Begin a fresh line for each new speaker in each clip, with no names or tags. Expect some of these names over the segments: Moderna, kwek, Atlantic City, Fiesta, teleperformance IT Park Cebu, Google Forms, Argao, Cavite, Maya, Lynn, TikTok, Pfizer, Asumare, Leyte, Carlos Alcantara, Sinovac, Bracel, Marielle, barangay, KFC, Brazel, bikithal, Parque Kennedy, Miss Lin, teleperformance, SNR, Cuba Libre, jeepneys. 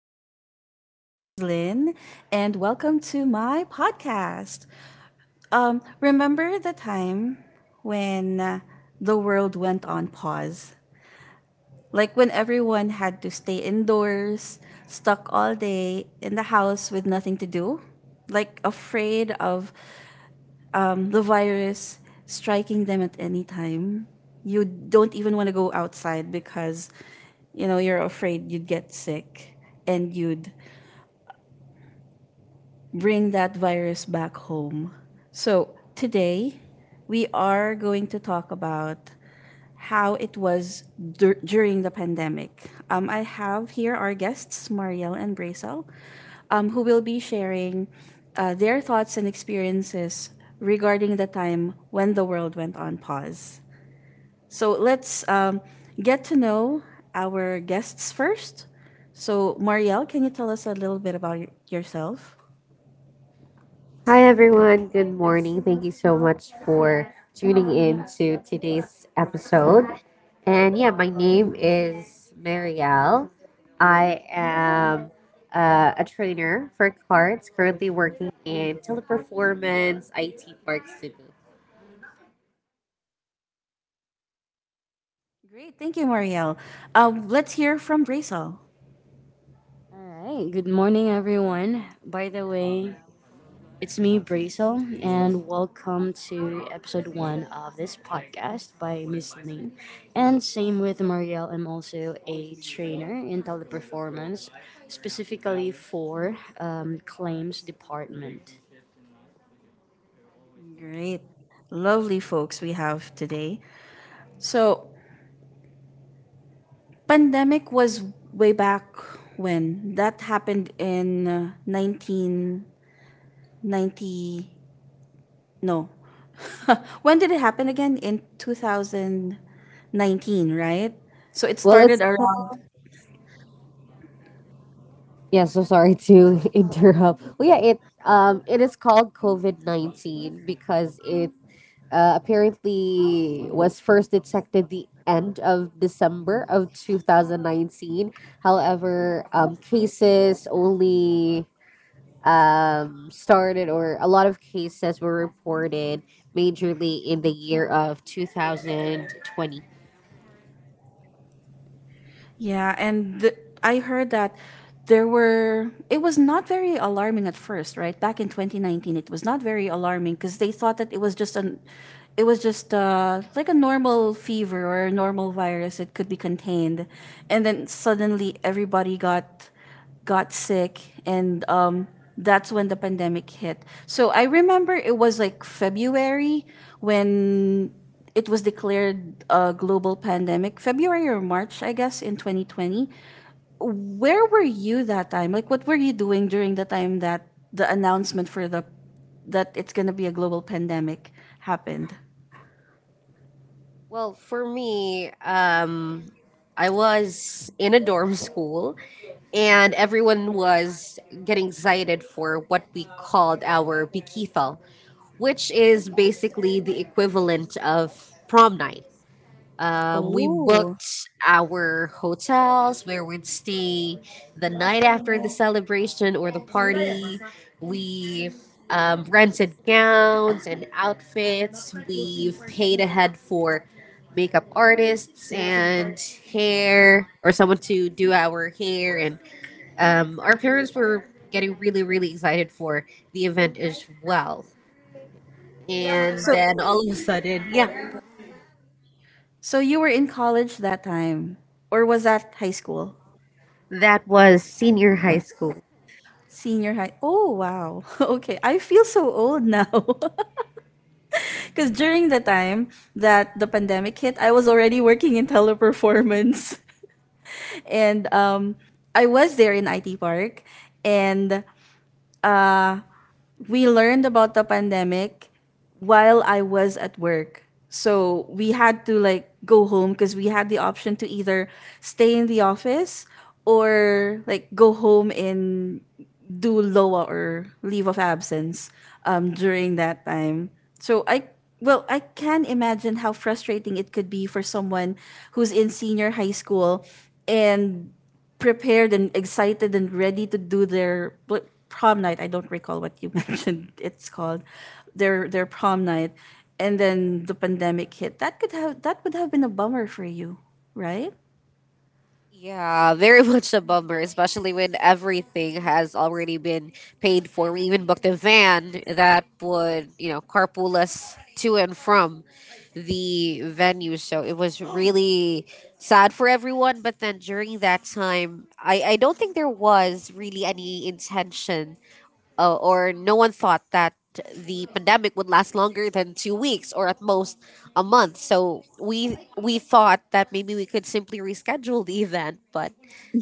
listeners. My name is Lynn, and welcome to my podcast. Remember the time when the world went on pause? Like when everyone had to stay indoors, stuck all day in the house with nothing to do? Like afraid of the virus striking them at any time? You don't even want to go outside because you know you're afraid you'd get sick and you'd bring that virus back home. So, today we are going to talk about how it was during the pandemic. I have here our guests, Marielle and Bracel, who will be sharing their thoughts and experiences regarding the time when the world went on pause. So, let's get to know our guests first. So, Marielle, can you tell us a little bit about yourself?
Hi everyone, good morning. Thank you so much for tuning in to today's episode. And yeah, my name is Marielle. I am a trainer for cards, currently working in Teleperformance IT Park Cebu.
Great. Thank you, Marielle. Let's hear from Brazel.
All right. Good morning, everyone. By the way, it's me, Brazel, and welcome to episode one of this podcast by Miss Lin. And same with Marielle. I'm also a trainer in teleperformance, specifically for claims department.
Great. Lovely folks we have today. So, pandemic was way back when that happened in 1990. No. When did it happen again? In 2019, right? So, it
Well,
started
it's called
around.
Yeah, so sorry to interrupt. Well, yeah, it is called COVID 19 because it apparently was first detected the end of December of 2019. However, cases only started or a lot of cases were reported majorly in the year of 2020.
Yeah, and I heard that it was not very alarming at first, right? Back in 2019, it was not very alarming because they thought that it was just like a normal fever or a normal virus. It could be contained. And then suddenly everybody got sick and that's when the pandemic hit. So I remember it was like February when it was declared a global pandemic, February or March, I guess, in 2020. Where were you that time? Like what were you doing during the time that the announcement for the that it's going to be a global pandemic happened?
Well, for me, I was in a dorm school, and everyone was getting excited for what we called our bikithal, which is basically the equivalent of prom night. We
Oh.
booked our hotels where we'd stay the night after the celebration or the party. We rented gowns and outfits. We've paid ahead for makeup artists and hair, or someone to do our hair, and our parents were getting really, really excited for the event as well. And
So
then all of a sudden, yeah,
you were in college that time or was that high school?
that was senior high school.
Senior high. Oh, wow. Okay. I feel so old now. Because during the time that the pandemic hit, I was already working in teleperformance. And I was there in IT Park. And uh, we learned about the pandemic while I was at work. So we had to like go home because we had the option to either stay in the office or like go home in do LOA or leave of absence during that time. So I well, I can imagine how frustrating it could be for someone who's in senior high school and prepared and excited and ready to do their prom night. I don't recall what you mentioned it's called. Their prom night and then the pandemic hit. That could have that would have been a bummer for you, right?
Yeah, very much a bummer, especially when everything has already been paid for. We even booked a van that would, you know, carpool us to and from the venue. So it was really sad for everyone. But then during that time, I don't think there was really any intention, or no one thought that the pandemic would last longer than 2 weeks or at most a month. So we thought that maybe we could simply reschedule the event, but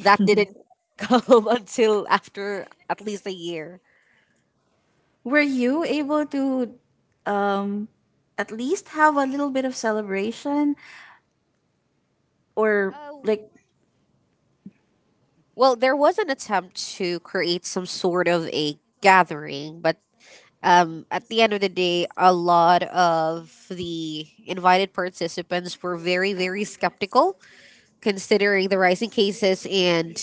that didn't come until after at least a year.
Were you able to um at least have a little bit of celebration or
Oh,
like?
well, there was an attempt to create some sort of a gathering, but at the end of the day, a lot of the invited participants were very, very skeptical, considering the rising cases, and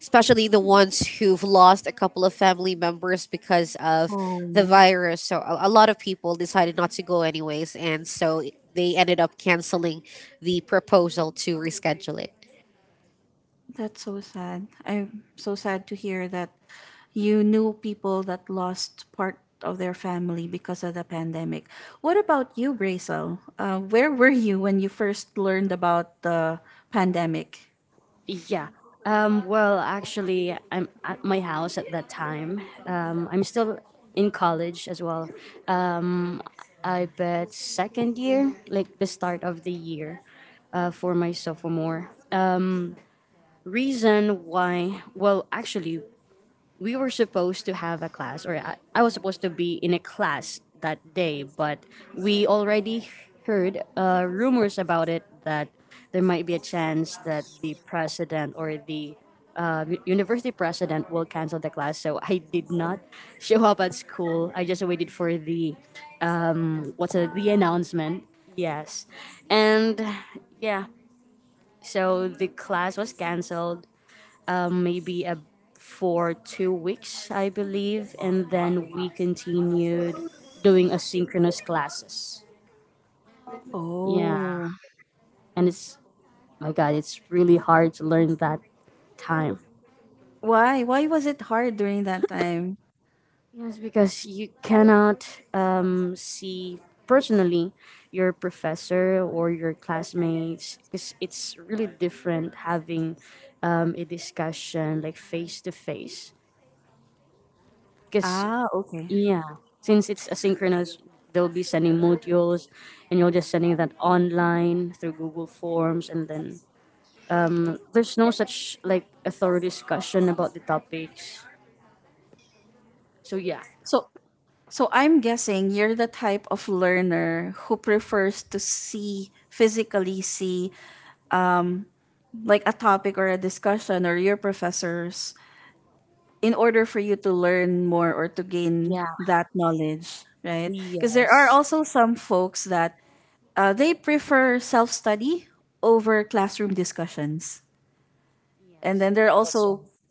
especially the ones who've lost a couple of family members because of the
Oh,
virus. So a lot of people decided not to go anyways, and so they ended up canceling the proposal to reschedule it.
that's so sad. I'm so sad to hear that you knew people that lost part of their family because of the pandemic. What about you, Brazel? Where were you when you first learned about the pandemic?
Yeah. Well, actually, I'm at my house at that time. I'm still in college as well. I bet second year, like the start of the year, for my sophomore. Reason why, well, actually, we were supposed to have a class, or I was supposed to be in a class that day, but we already heard rumors about it that there might be a chance that the president or the university president will cancel the class, so I did not show up at school. I just waited for the what's it, the announcement. Yes, and yeah, so the class was canceled um, maybe a, for 2 weeks, I believe, and then we continued doing asynchronous classes. Yeah,
Oh,
and it's my God, it's really hard to learn that time.
why? Why was it hard during that time?
Yes, because you cannot see personally your professor or your classmates because it's really different having a discussion like face to face because
Ah, okay.
yeah, since it's asynchronous, they'll be sending modules, and you're just sending that online through Google Forms, and then there's no such like a thorough discussion about the topics. So yeah,
So So I'm guessing you're the type of learner who prefers to see physically see like a topic or a discussion or your professors in order for you to learn more or to gain
yeah.
that knowledge, right? Because there are
Yes.
also some folks that they prefer self-study over classroom discussions. And
Yes.
then
That's right.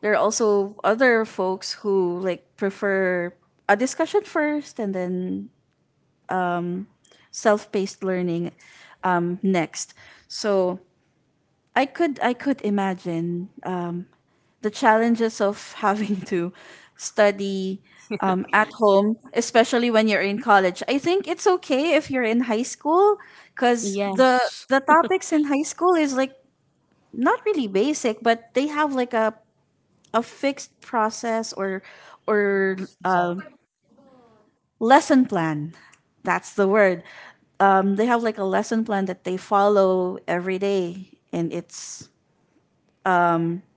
there are also other folks who like prefer a discussion first and then self-paced learning next. So I could imagine the challenges of having to study at home, especially when you're in college. I think it's okay if you're in high school because the
Yes.
the topics in high school is like not really basic, but they have like a fixed process or or
Yes.
uh, lesson plan. That's the word. They have like a lesson plan that they follow every day and it's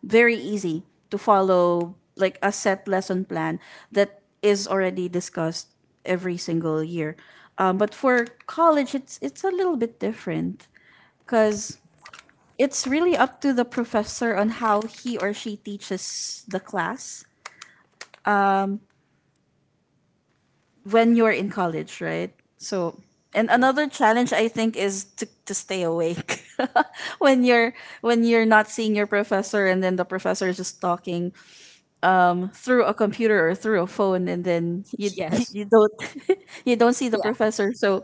very easy to follow like a set lesson plan that is already discussed every single year, but for college it's a little bit different because it's really up to the professor on how he or she teaches the class when you're in college, right? So. And
Yes.
another challenge I think is to stay awake when you're not seeing your professor and then the professor is just talking through a computer or through a phone and then you you don't you don't see the
Yes.
professor, so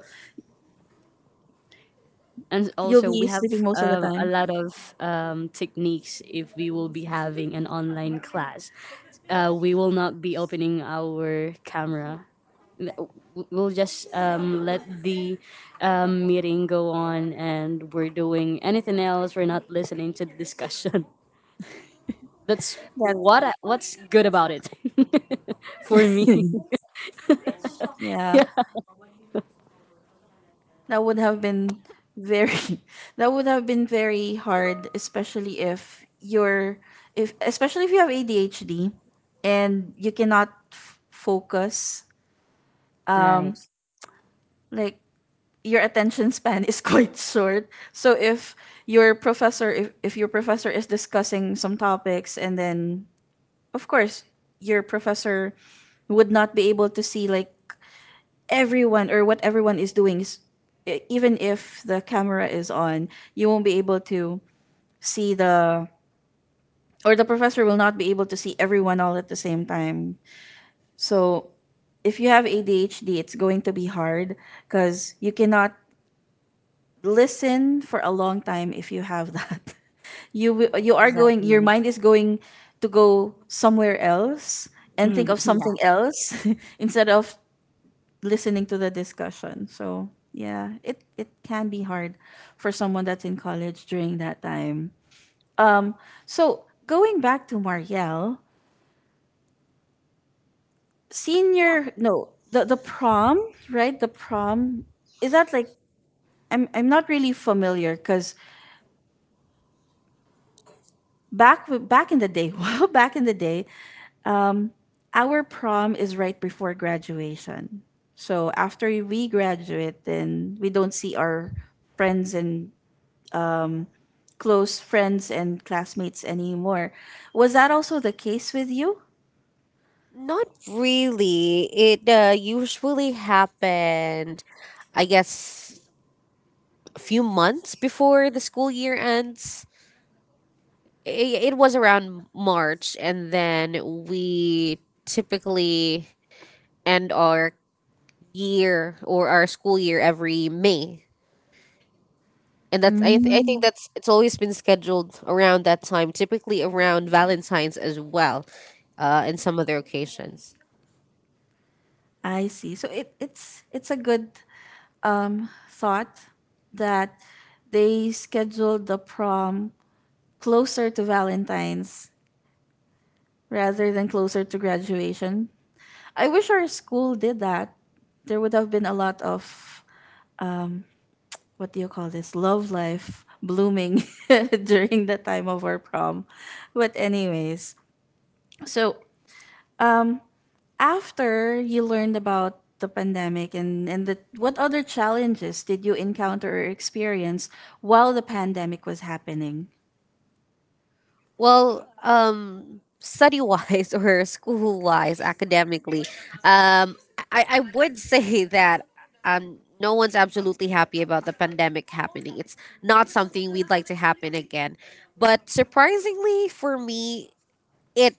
And
you'll
also,
be
we have
sleeping most of the
a
time.
lot of techniques if we will be having an online class. We will not be opening our camera. We'll just let the meeting go on and we're doing anything else. We're not listening to the discussion. That's
But
what what's good about it, for me.
yeah.
Yeah.
That would have been very that would have been very hard, especially if you're if especially if you have ADHD and you cannot focus
Right.
like your attention span is quite short, so if your professor is discussing some topics and then of course your professor would not be able to see like everyone or what everyone is doing is even if the camera is on you won't be able to see the or the professor will not be able to see everyone all at the same time, so if you have ADHD it's going to be hard cuz you cannot listen for a long time if you have that you
Yeah,
you are going
exactly.
your mind is going to go somewhere else and think
Mm,
of
yeah.
something else instead of listening to the discussion. So yeah, it can be hard for someone that's in college during that time. Um, so going back to Marielle,
Yeah.
senior no the prom, right, the prom, is that like I'm not really familiar because back in the day well back in the day our prom is right before graduation. So after we graduate, then we don't see our friends and close friends and classmates anymore. Was that also the case with you?
Not really. It usually happened, I guess, a few months before the school year ends. It was around March, and then we typically end our year or our school year every May. And that's I, th- I think
Mm,
that's it's always been scheduled around that time, typically around Valentine's as well, and some other occasions.
I see. So it's a good thought that they scheduled the prom closer to Valentine's rather than closer to graduation. I wish our school did that. There would have been a lot of what do you call this? Love life blooming during the time of our prom. But anyways, so after you learned about the pandemic what other challenges did you encounter or experience while the pandemic was happening?
Well, study wise, or school wise, academically, um, I would say that no one's absolutely happy about the pandemic happening. It's not something we'd like to happen again. But surprisingly for me, it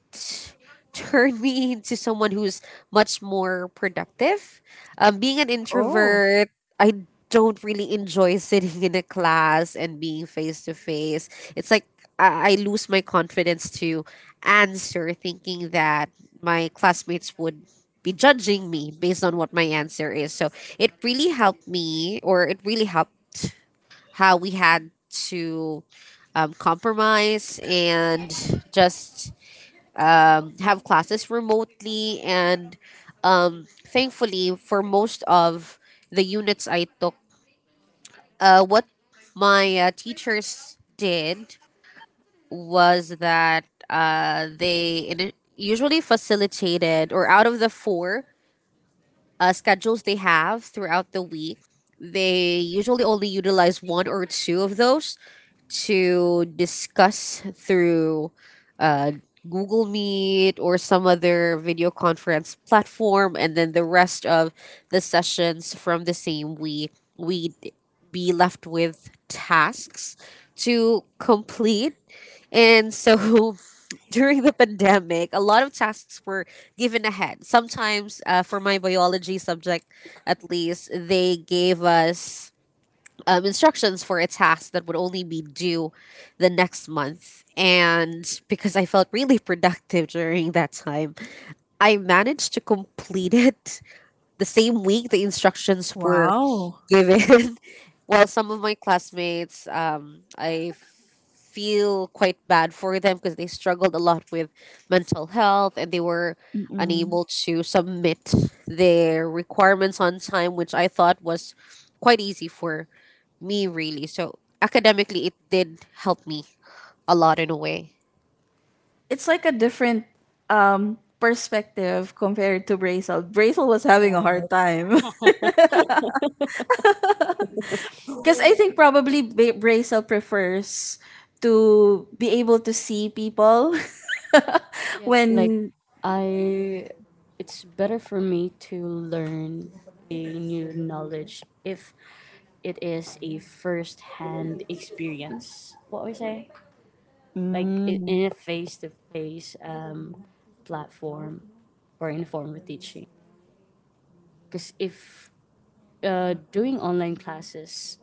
turned me into someone who's much more productive. Being an
Oh,
introvert, I don't really enjoy sitting in a class and being face to face. It's like I lose my confidence to answer, thinking that my classmates would be judging me based on what my answer is. So it really helped me, or it really helped how we had to compromise and just have classes remotely, and thankfully for most of the units I took, what my teachers did was that they usually facilitated, or out of the four schedules they have throughout the week, they usually only utilize one or two of those to discuss through uh, Google Meet or some other video conference platform, and then the rest of the sessions from the same week, we'd be left with tasks to complete. And so during the pandemic, a lot of tasks were given ahead. Sometimes, for my biology subject at least, they gave us instructions for a task that would only be due the next month. And because I felt really productive during that time, I managed to complete it the same week the instructions were
wow.
given. Well, some of my classmates, I feel quite bad for them because they struggled a lot with mental health, and they were
Mm-mm.
unable to submit their requirements on time, which I thought was quite easy for me really. So academically it did help me a lot, in a way.
It's like a different perspective compared to Brazel. Brazel was having a
Right.
hard time. Because I think probably Brazel prefers to be able to see people
Yes, like
when.
I it's better for me to learn a new knowledge if it is a first hand experience. What we say? Like
Mm.
in a face to face platform or in a form of teaching. Because if doing online classes,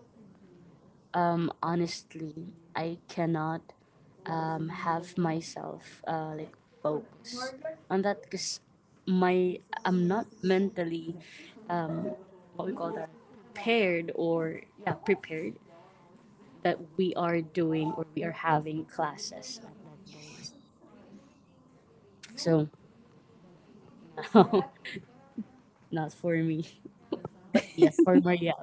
honestly, I cannot have myself like focus on that because my I'm not mentally what we call that paired or yeah prepared that we are doing or we are having classes. So no, not for me, but yes for Maria.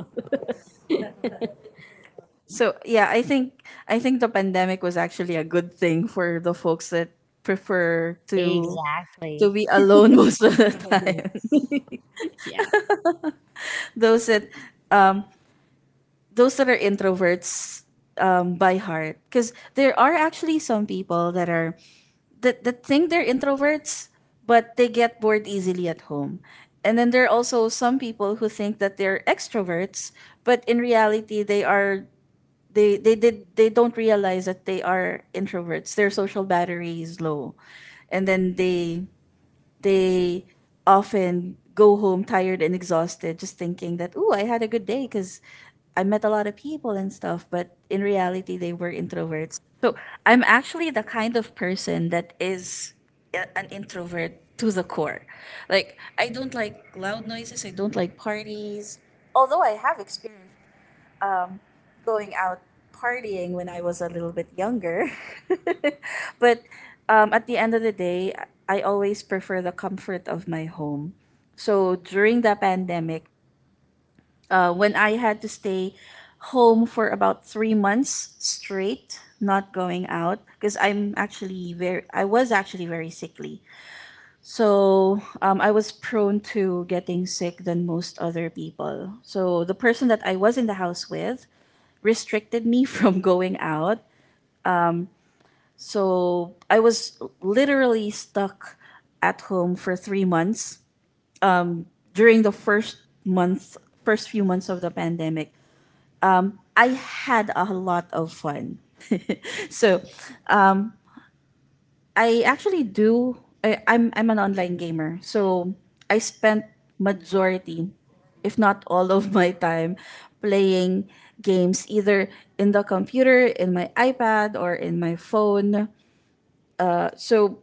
So yeah, I think the pandemic was actually a good thing for the folks that prefer to
Exactly.
be alone most of the time.
Yeah.
those that those that are introverts, by heart, because there are actually some people that are that think they're introverts, but they get bored easily at home. And then there are also some people who think that they're extroverts, but in reality they are they did they don't realize that they are introverts, their social battery is low and then they often go home tired and exhausted, just thinking that oh I had a good day because I met a lot of people and stuff, but in reality they were introverts. So I'm actually the kind of person that is an introvert to the core, like I don't like loud noises, I don't like parties, although I have experience um, going out partying when I was a little bit younger. But at the end of the day, I always prefer the comfort of my home. So during the pandemic, when I had to stay home for about three months straight, not going out, because I was actually very sickly. So I was prone to getting sick than most other people. So the person that I was in the house with restricted me from going out. So I was literally stuck at home for three months during the first month, first few months of the pandemic. I had a lot of fun. So I actually do. I'm an online gamer. So I spent majority, if not all of my time, playing games either in the computer, in my iPad, or in my phone. So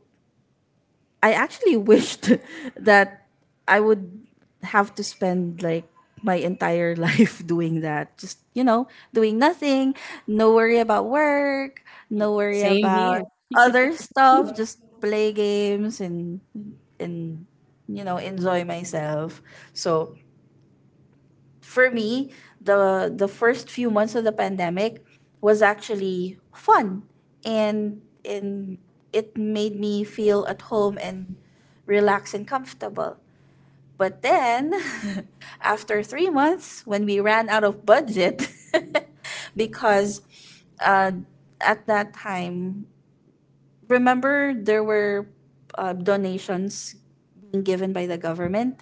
I actually wished that I would have to spend like my entire life doing that. Just, you know, doing nothing, no worry about work,
Hmm.
no worry
Same
about
here.
other stuff, just play games and and you know, enjoy myself. So, for me, the first few months of the pandemic was actually fun, and it made me feel at home and relaxed and comfortable. But then, after 3 months, when we ran out of budget, because uh, at that time, remember there were donations being given by the government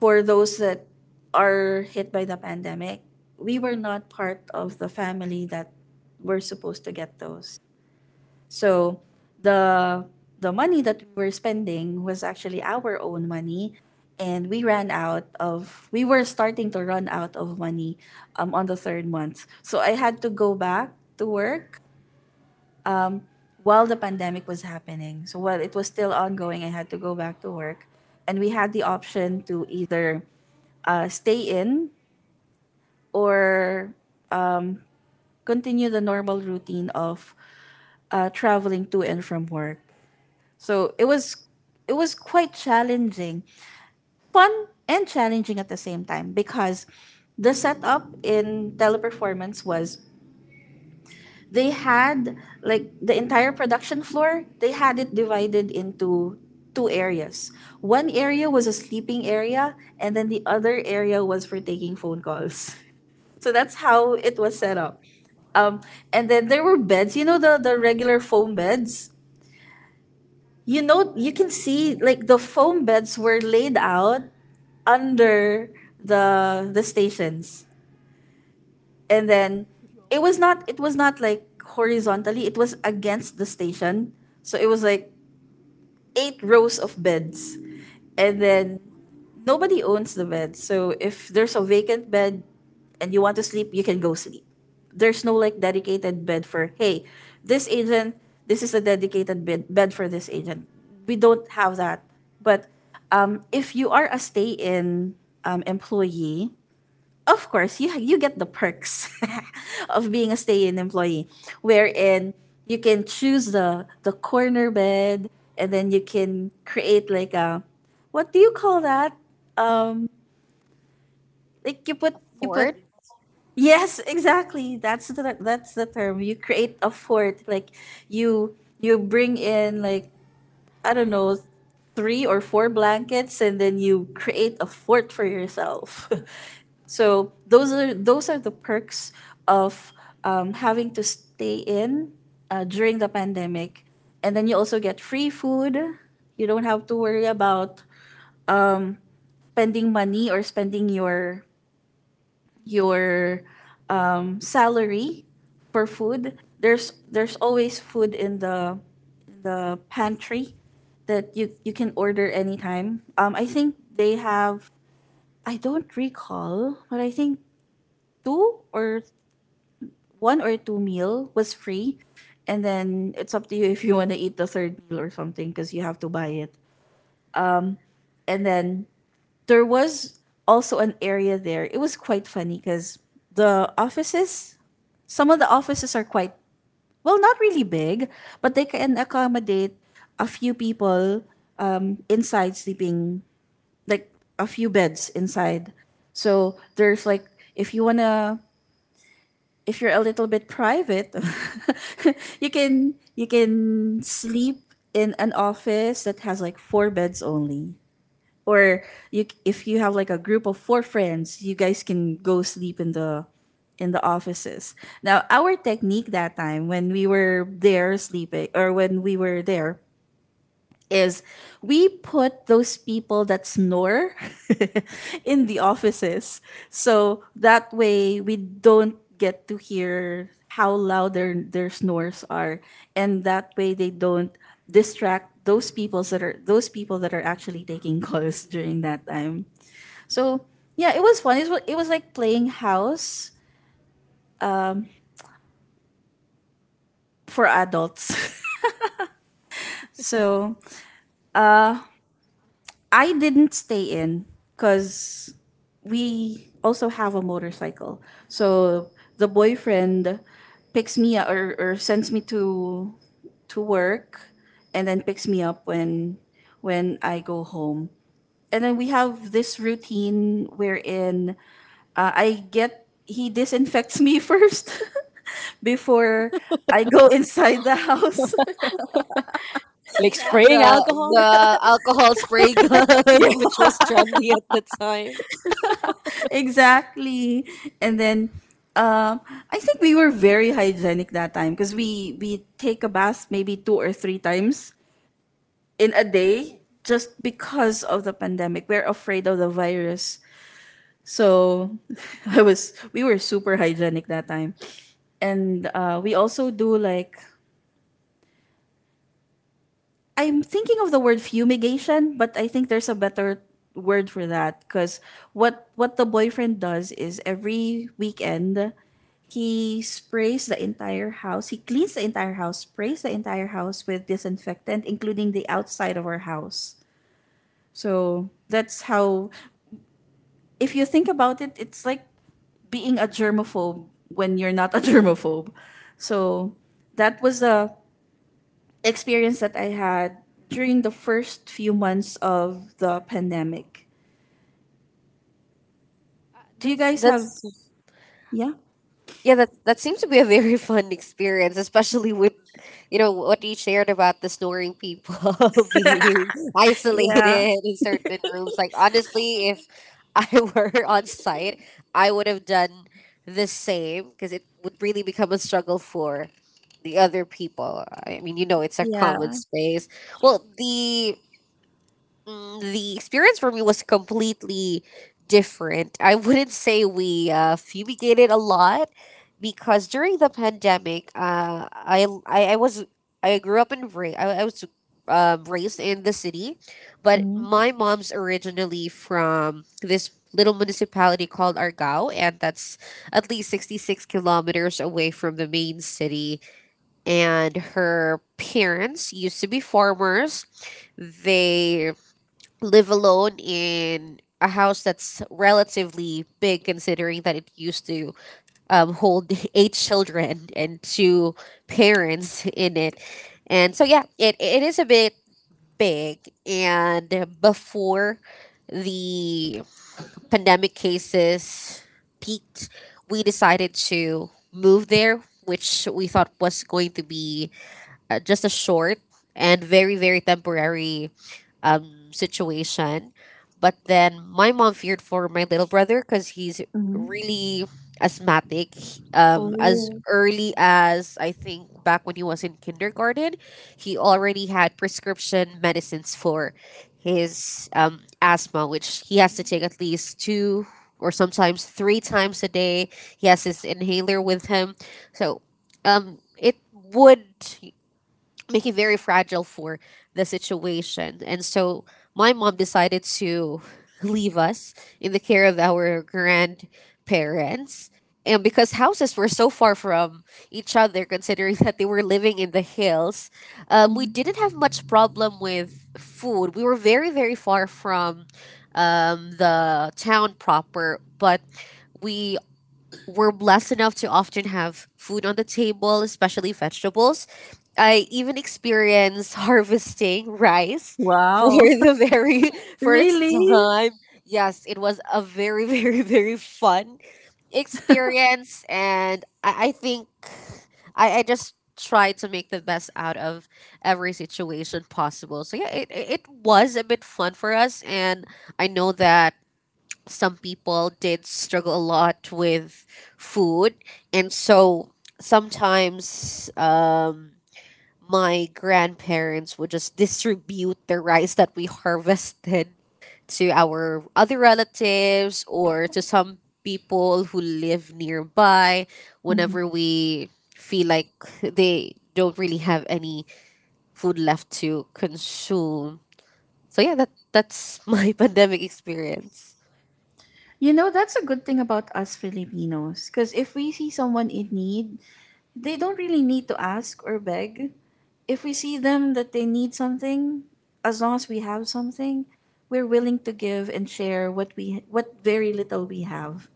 for those that are hit by the pandemic. We were not part of the family that were supposed to get those. So the the money that we were spending was actually our own money, and we were starting to run out of money on the third month. So I had to go back to work um, while the pandemic was happening. So while it was still ongoing, I had to go back to work, and we had the option to either stay in or continue the normal routine of traveling to and from work. So it was quite challenging, fun and challenging at the same time, because the setup in Teleperformance was, they had, like, the entire production floor, they had it divided into two areas. One area was a sleeping area, and then the other area was for taking phone calls. So that's how it was set
Wow.
up. Um, and then there were beds. You know, the regular foam beds. You know, you can see, like, the foam beds were laid out under the stations, and then it was not like horizontally. It was against the station, so it was like eight rows of beds, and then nobody owns the bed. So if there's a vacant bed and you want to sleep, you can go sleep. There's no, like, dedicated bed for, hey, this agent, this is the dedicated bed for this agent. We don't have that. But if you are a stay in employee, of course, you get the perks of being a stay in employee, wherein you can choose the corner bed, and then you can create like a, what do you call that? Like, you put you
Ford.
put yes, exactly, that's the term. You create a fort, like you you bring in, like, I don't know, three or four blankets, and then you create a fort for yourself. So those are the perks of having to stay in during the pandemic. And then you also get free food. You don't have to worry about um, spending money or spending your salary for food. There's always food in the pantry that you can order anytime. I think they have, I don't recall, but I think two or one or two meal was free, and then it's up to you if you want to eat the third meal or something, because you have to buy it. And then there was also an area there. It was quite funny because the offices, some of the offices are quite, well, not really big, but they can accommodate a few people inside sleeping, like a few beds inside. So there's, like, if you wanna, if you're a little bit private, you can sleep in an office that has like four beds only, or you if you have like a group of four friends, you guys can go sleep in the offices. Now our technique that time, when we were there sleeping, or when we were there, is we put those people that snore in the offices. So that way we don't get to hear how loud their snores are, and that way they don't distract those people that are actually taking calls during that time. So yeah, it was fun. It was, like playing house for adults. So I didn't stay in, because we also have a motorcycle. So the boyfriend picks me up, or sends me to work, and then picks me up when I go home. And then we have this routine wherein, I get he disinfects me first before I go inside the house.
Did
Like
he have
spraying
the
alcohol.
the alcohol spray gun, which was trendy at the time?
Exactly. And then um I think we were very hygienic that time, because we take a bath maybe two or three times in a day, just because of the pandemic we're afraid of the virus. So I was we were super hygienic that time. And we also do, like, I'm thinking of the word fumigation, but I think there's a better word for that, because what the boyfriend does is every weekend, he sprays the entire house. He cleans the entire house, sprays the entire house with disinfectant, including the outside of our house. So that's how. If you think about it, it's like being a germaphobe when you're not a germaphobe. So that was the experience that I had during the first few months of the pandemic.
Uh,
Do you
that's
guys have?
that's
Yeah.
yeah, that seems to be a very fun experience, especially with, you know, what you shared about the snoring people being isolated
Yeah.
in certain rooms. Like honestly, if I were on site, I would have done the same, because it would really become a struggle for the other people. I mean, you know, it's a common
Yeah.
space. Well, the experience for me was completely different. I wouldn't say we fumigated a lot, because during the pandemic, I grew up in Ra- I was raised in the city, but
Mm-hmm.
my mom's originally from this little municipality called Argao, and that's at least 66 kilometers away from the main city. And her parents used to be farmers. They live alone in a house that's relatively big, considering that it used to hold eight children and two parents in it. And so yeah, it is a bit big, and before the pandemic cases peaked, we decided to move there, which we thought was going to be just a short and very, very temporary situation. But then my mom feared for my little brother because he's
Mm-hmm.
really asthmatic. As
Oh.
early as, I think, back when he was in kindergarten, he already had prescription medicines for his asthma, which he has to take at least 2 or sometimes 3 times a day. He has his inhaler with him. So it would make it very fragile for the situation. And so my mom decided to leave us in the care of our grandparents. And because houses were so far from each other, considering that they were living in the hills, we
Mhm.
didn't have much problem with food. We were very, very far from the town proper, but we we're blessed enough to often have food on the table, especially vegetables. I even experienced harvesting rice for
Wow.
the very first
Really?
time. Yes, it was a very, very, very fun experience. And I think I just tried to make the best out of every situation possible. So yeah, it was a bit fun for us. And I know that some people did struggle a lot with food, and so sometimes my grandparents would just distribute the rice that we harvested to our other relatives, or to some people who live nearby,
Mhm.
whenever we feel like they don't really have any food left to consume. So yeah, that's my pandemic experience.
You know, that's a good thing about us Filipinos. Because if we see someone in need, they don't really need to ask or beg. If we see them that they need something, as long as we have something, we're willing to give and share what we what very little we have.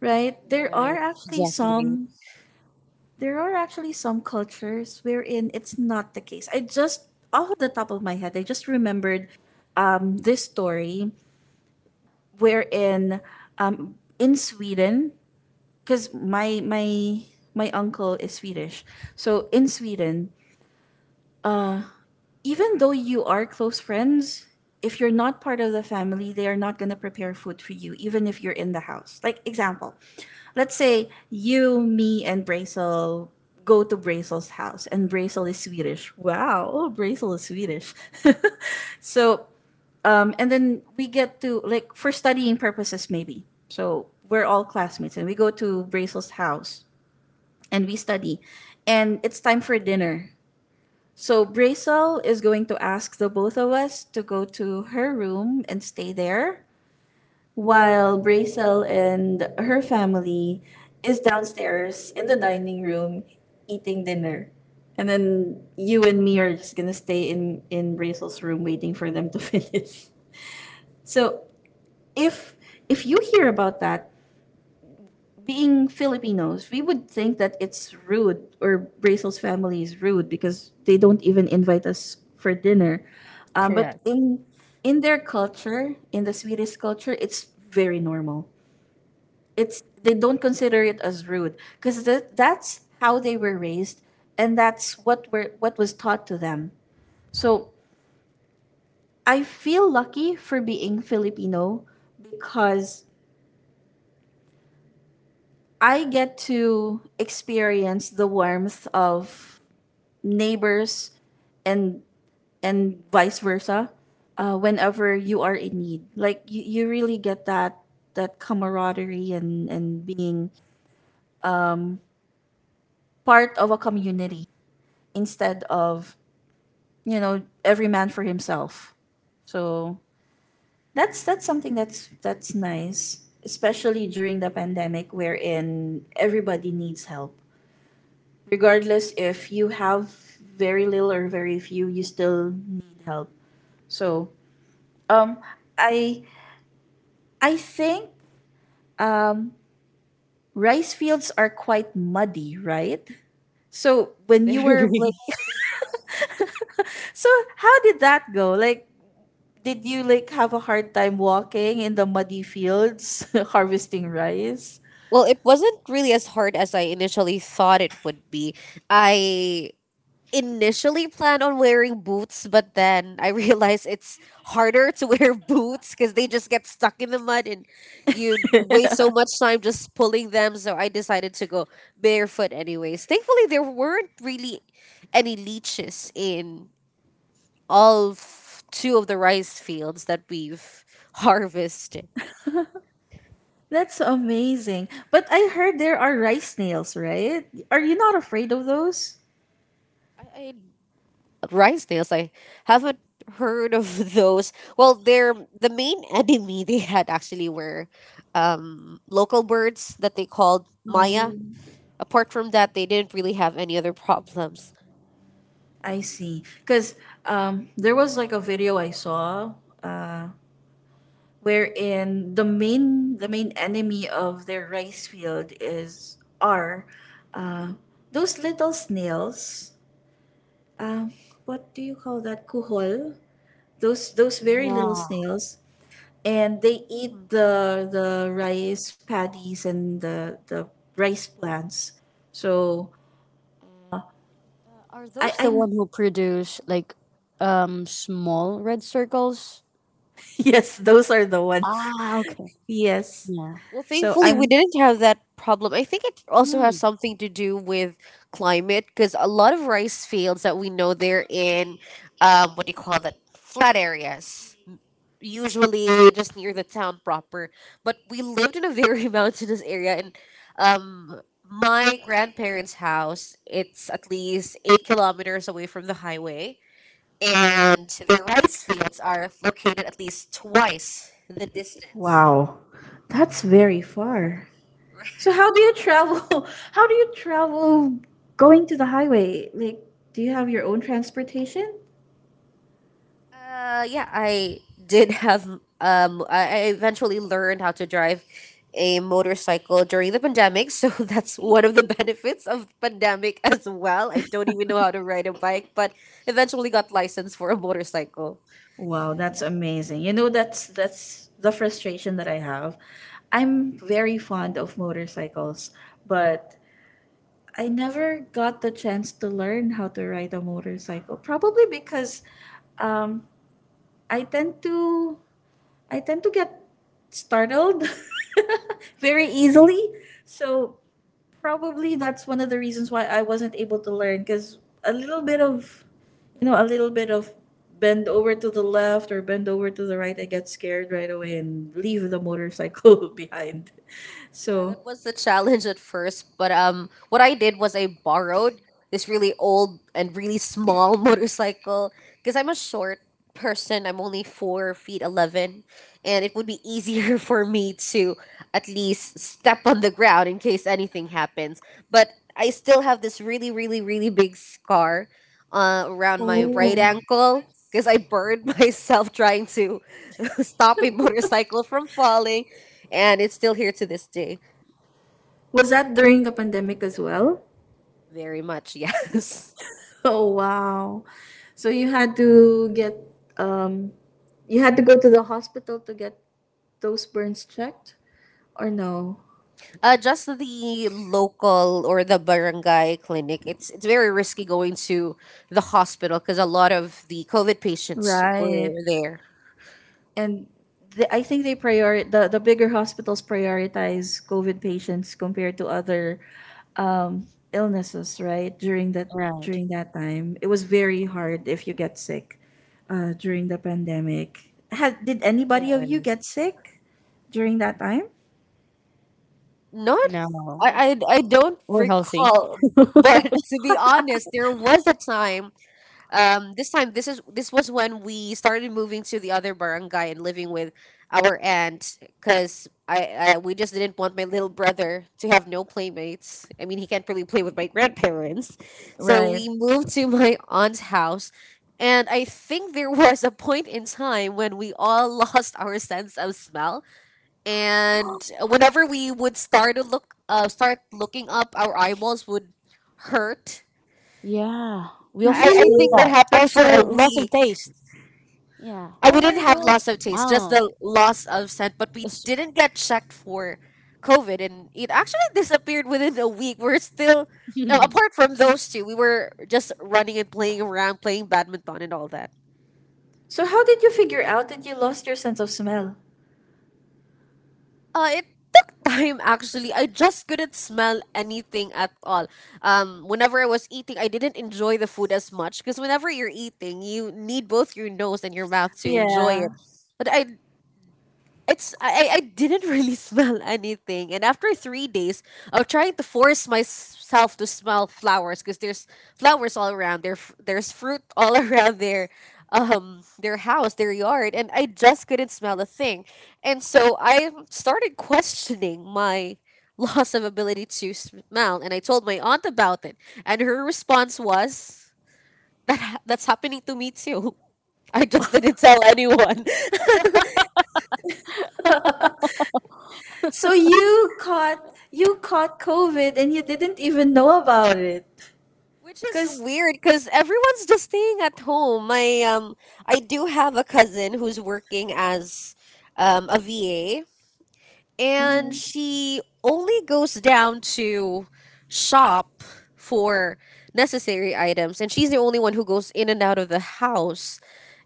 Right? There are
Right.
actually
Exactly.
some cultures wherein it's not the case. I just, off of the top of my head, I just remembered this story, wherein in Sweden, because my uncle is Swedish. So in Sweden, uh even though you are close friends, if you're not part of the family, they are not going to prepare food for you even if you're in the house. Like, example, let's say you, me, and Brazel go to Brazel's house, and Brazel is Swedish. Wow, oh, Brazel is Swedish. So, and then we get to, like, for studying purposes, maybe. So, we're all classmates, and we go to Brazel's house and we study, and it's time for dinner. So, Brazel is going to ask the both of us to go to her room and stay there while Brazel and her family is downstairs in the dining room eating dinner. And then you and me are just gonna stay in Brazel's room waiting for them to finish. So if if you hear about that, being Filipinos, we would think that it's rude, or Brazel's family is rude because they don't even invite us for dinner. But
Correct.
in their culture, in the Swedish culture, it's very normal. It's They don't consider it as rude, because that's how they were raised, and that's what were what was taught to them. So I feel lucky for being Filipino, because I get to experience the warmth of neighbors, and vice versa, whenever you are in need. Like, you really get that camaraderie, and being part of a community, instead of every man for himself. So that's something that's nice, especially during the pandemic wherein everybody needs help. Regardless if you have very little or very few, you still need help. So, um I think um rice fields are quite muddy, right? So when you were like,
Very.
so how did that go? Like, did you, like, have a hard time walking in the muddy fields harvesting rice?
Well, it wasn't really as hard as I initially thought it would be. I initially planned on wearing boots, but then I realized it's harder to wear boots, because they just get stuck in the mud and you waste so much time just pulling them. So I decided to go barefoot anyways. Thankfully, there weren't really any leeches in all of two of the rice fields that we've harvested.
That's amazing. But I heard there are rice snails, right? Are you not afraid of those?
I rice nails? I haven't heard of those. Well, they're the main enemy. They had actually were local birds that they called Maya.
Oh,
Apart from that, they didn't really have any other problems.
I see. Because there was like a video I saw, uh, wherein the main enemy of their rice field is are, uh, those little snails. What do you call that? Kuhol. Those very little
Yeah.
snails. And they eat the rice paddies, and the rice plants. So
Are
I
those the one
I'm
who produce like small red circles?
yes, those are the ones.
Ah, okay.
Yes.
Yeah.
Well,
So
thankfully, we
I'm
didn't have that problem. I think it also
Mm,
has something to do with climate, because a lot of rice fields that we know they're in, what do you call that? Flat areas, usually just near the town proper. But we lived in a very mountainous area, and um, my grandparents' house, it's at least 8 kilometers away from the highway, and their rice fields are located at least twice the distance.
Wow. That's very far. So
Right.
how do you travel? How do you travel going to the highway? Like, do you have your own transportation?
Yeah, I did have. I eventually learned how to drive a motorcycle during the pandemic, so that's one of the benefits of pandemic as well. I don't even know how to ride a bike, but eventually got license for a motorcycle.
Wow, that's amazing. You know, that's the frustration that I have. I'm very fond of motorcycles, but I never got the chance to learn how to ride a motorcycle. Probably because um, I tend to get startled very easily. So probably that's one of the reasons why I wasn't able to learn, because a little bit of a little bit of bend over to the left or bend over to the right, I get scared right away and leave the motorcycle behind.
Yeah, that
So,
was the challenge at first, but what I did was I borrowed this really old and really small motorcycle, because I'm a short person. I'm only 4 feet 11, and it would be easier for me to at least step on the ground in case anything happens. But I still have this really, really, really big scar around my right
oh,
ankle, because I burned myself trying to stop a motorcycle from falling, and it's still here to this day.
was that during the pandemic as well?
Very much, yes.
Oh wow. So um you had to go to the hospital to get those burns checked, or no?
Just the local or the barangay clinic. It's very risky going to the hospital because a lot of the COVID patients were
Right.
there.
And I think the bigger hospitals prioritize COVID patients compared to other um illnesses, right?
right.
During that time. It was very hard if you get sick during the pandemic. Had did anybody of
Right.
you get sick during that time?
Not,
No.
I don't
We're healthy. Oh,
recall. But to be honest, there was a time this was when we started moving to the other barangay and living with our aunt because I we just didn't want my little brother to have no playmates. I mean, he can't really play with my grandparents, so
Right.
we moved to my aunt's house. And I think there was a point in time when we all lost our sense of smell, and whenever we would start to look start looking up, our eyeballs would hurt.
yeah. We also
I
experience
think that
that.
Really?
happened for
Also
a
loss of
week.
taste. Yeah.
I
Oh
we didn't
my
have loss of
gosh.
taste, just
Oh.
the loss of scent. But we
It's-
didn't get checked for COVID, and it actually disappeared within a week. We're still, now, apart from those two, we were just running and playing around, playing badminton and all that.
So how did you figure out that you lost your sense of smell?
It took time actually. I just couldn't smell anything at all. Whenever I was eating, I didn't enjoy the food as much because whenever you're eating, you need both your nose and your mouth to enjoy
Yeah.
it. But I it's I didn't really smell anything, and after 3 days of trying to force myself to smell flowers, because there's flowers all around there, there's fruit all around their house, their yard, and I just couldn't smell a thing. And so I started questioning my loss of ability to smell, and I told my aunt about it, and her response was that that's happening to me too. I just didn't tell anyone.
So you caught COVID, and you didn't even know about it.
Which is
Because
weird because everyone's just staying at home. My I do have a cousin who's working as a VA, and she only goes down to shop for necessary items, and she's the only one who goes in and out of the house.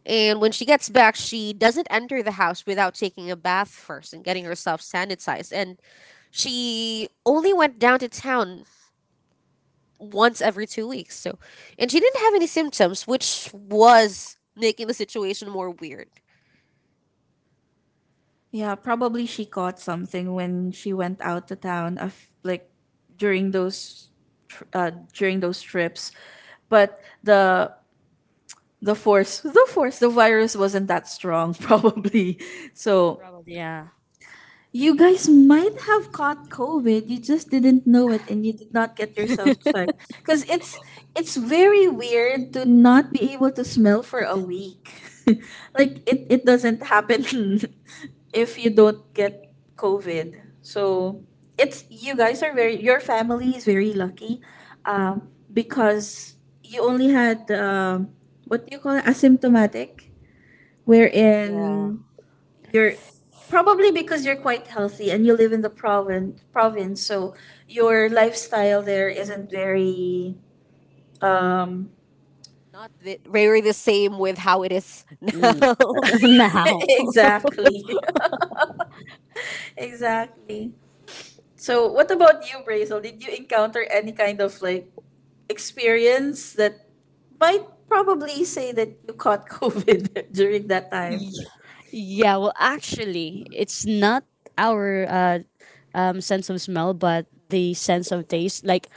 And when she gets back, she doesn't enter the house without taking a bath first and getting herself sanitized. And she only went down to town once every 2 weeks. So, and she didn't have any symptoms, which was making the situation more weird.
Yeah, probably she caught something when she went out to town of like during those during those trips. But the force, the force, the virus wasn't that strong probably. So
Probably. Yeah.
you guys
Yeah.
might have caught COVID. You just didn't know it and you did not get yourself checked. Because It's very weird to not be able to smell for a week. It doesn't happen if you don't get COVID. So it's you guys are very your family is very lucky, because you only had, what do you call it, asymptomatic,
Right. Yeah.
wherein you're probably because you're quite healthy and you live in the province, so your lifestyle there isn't very um
Not the, very the same with how it is now.
Yeah. Mm.
I
Now.
exactly exactly. So what about you, Brazel, did you encounter any kind of like experience that might probably say that you caught COVID during that time?
Y- Yeah, well, actually, it's not our sense of smell, but the sense of taste. Like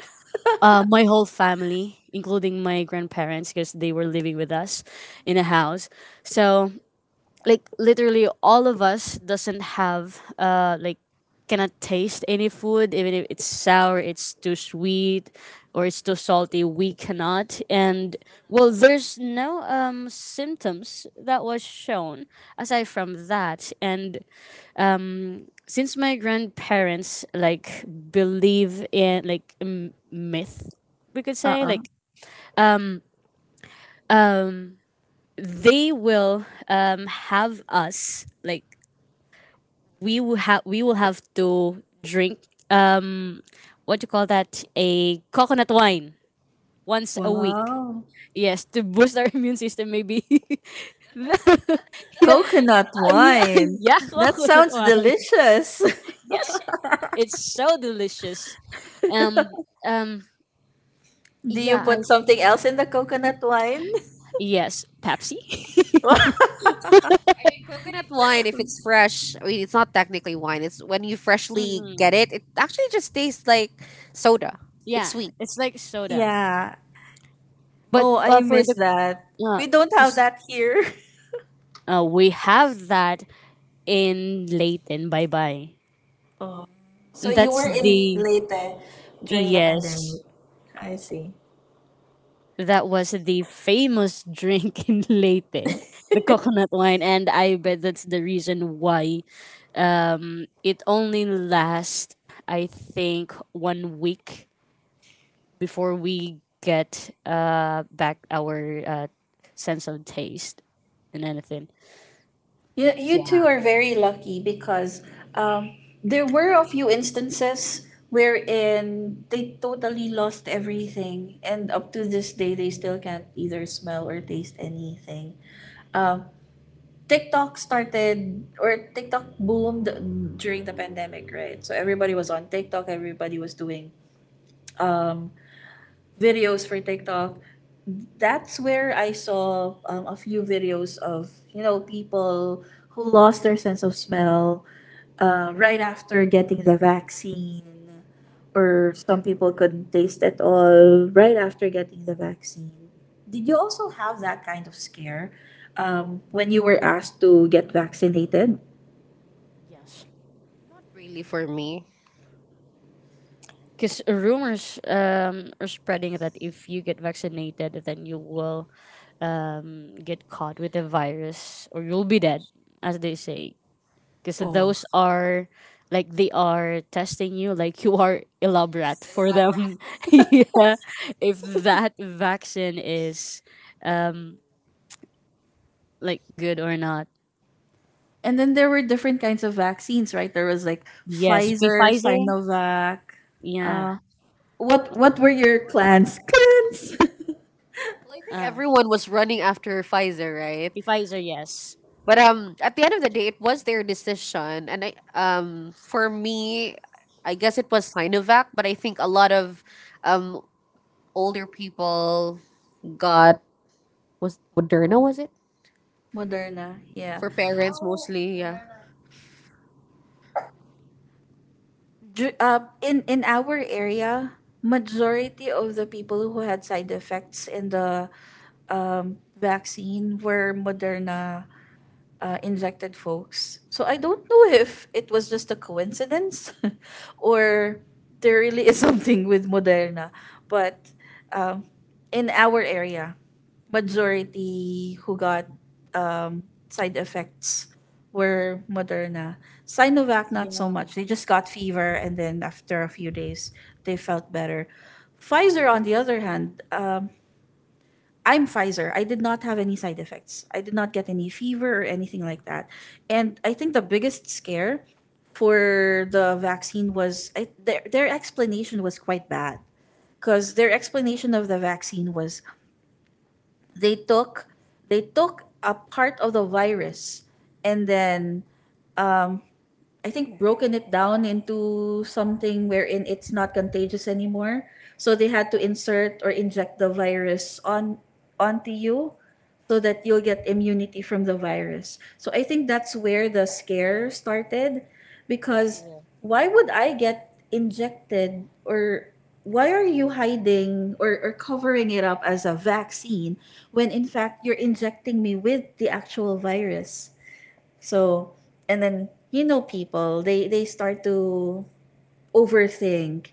my whole family, including my grandparents, because they were living with us in a house. So like literally all of us doesn't have like cannot taste any food even if it's sour, it's too sweet or it's too salty we cannot. And well there's no symptoms that was shown aside from that. And since my grandparents like believe in like myth, we could say
Uh-uh.
like, um they will have us like we will have to drink um what do you call that, a coconut wine, once a week.
Wow,
Yes, to boost our immune system, maybe. Yeah,
coconut
yeah,
wine,
yeah,
that
coconut
sounds
wine.
delicious.
Yes, it's so delicious. Um, um,
Do you
yeah, I
put something else in the coconut wine?
yes, Pepsi.
mean, coconut wine, if it's fresh, I mean, it's not technically wine. It's when you freshly
Mm,
get it, it actually just tastes like soda. It's
yeah,
sweet.
it's like soda.
Yeah.
But
Oh, I
for
miss
the
that.
uh,
We don't have
this-
that here.
we have that in Leighton. Bye bye.
Oh. So you
That's
were in
the
Leyte during the pandemic.
yes,
I see.
that was the famous drink in Leyte, the coconut wine, and I bet that's the reason why it only lasts, I think, 1 week before we get back our sense of taste and anything.
You
Yeah.
two are very lucky because, um, there were a few instances wherein they totally lost everything, and up to this day, they still can't either smell or taste anything. Um, TikTok started or TikTok boomed during the pandemic, right? So everybody was on TikTok, everybody was doing um videos for TikTok. That's where I saw, a few videos of you know people who lost their sense of smell right after getting the vaccine, or some people couldn't taste at all right after getting the vaccine. Did you also have that kind of scare, when you were asked to get vaccinated?
Yes.
Not really for me.
Because rumors are spreading that if you get vaccinated, then you will get caught with the virus or you'll be dead, as they say. Because
Oh.
those are like they are testing you, like you are elaborate for them. Yeah, if that vaccine is um, like good or not.
And then there were different kinds of vaccines, right? There was like
Yes,
Pfizer,
Pfizer.
Sinovac.
Yeah,
What were your clans? Clans.
Well, I think
uh,
everyone was running after Pfizer, right?
Pfizer. Yes.
But at the end of the day, it was their decision, and I for me, I guess it was Sinovac, but I think a lot of um older people got was Moderna, was it
Moderna. Yeah.
for parents mostly? Yeah.
In our area, majority of the people who had side effects in the, vaccine were Moderna, injected folks. So I don't know if it was just a coincidence or there really is something with Moderna. But, um, in our area, majority who got, um, side effects were Moderna. Sinovac, not so
Yeah.
much. They just got fever and then after a few days, they felt better. Pfizer, on the other hand, I'm Pfizer. I did not have any side effects. I did not get any fever or anything like that. And I think the biggest scare for the vaccine was I, their explanation was quite bad because their explanation of the vaccine was they took they took a part of the virus and then, um, I think broken it down into something wherein it's not contagious anymore. So they had to insert or inject the virus on onto you so that you'll get immunity from the virus. So I think that's where the scare started because
Correct.
why would I get injected, or why are you hiding or covering it up as a vaccine when in fact you're injecting me with the actual virus? So, and then you know people, they start to overthink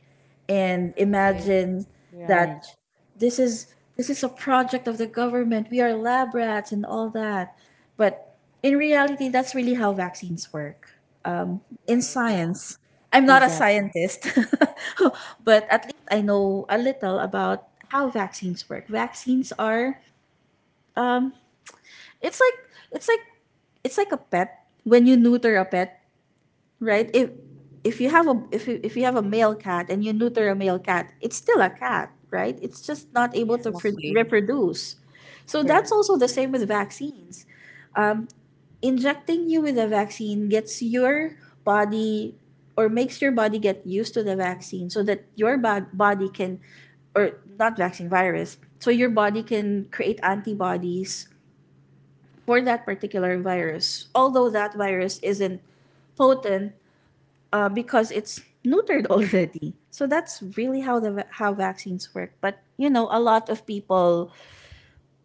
and
Right.
imagine that
Right.
this is a project of the government. We are lab rats and all that. But in reality, that's really how vaccines work. Um, in
Right. Yeah.
science, I'm not a
Exactly.
scientist, but at least I know a little about how vaccines work. Vaccines are it's like it's like it's like a pet. When you neuter a pet, right, if you have a if you have a male cat and you neuter a male cat, it's still a cat, right? It's just not able to
Yes.
Exactly.
reproduce. So
Girl.
that's also the same with vaccines. Injecting you with a vaccine gets your body or makes your body get used to the vaccine so that your body can, or not vaccine, virus, so your body can create antibodies for that particular virus, although that virus isn't potent, because it's neutered already. So that's really how vaccines work. But you know, a lot of people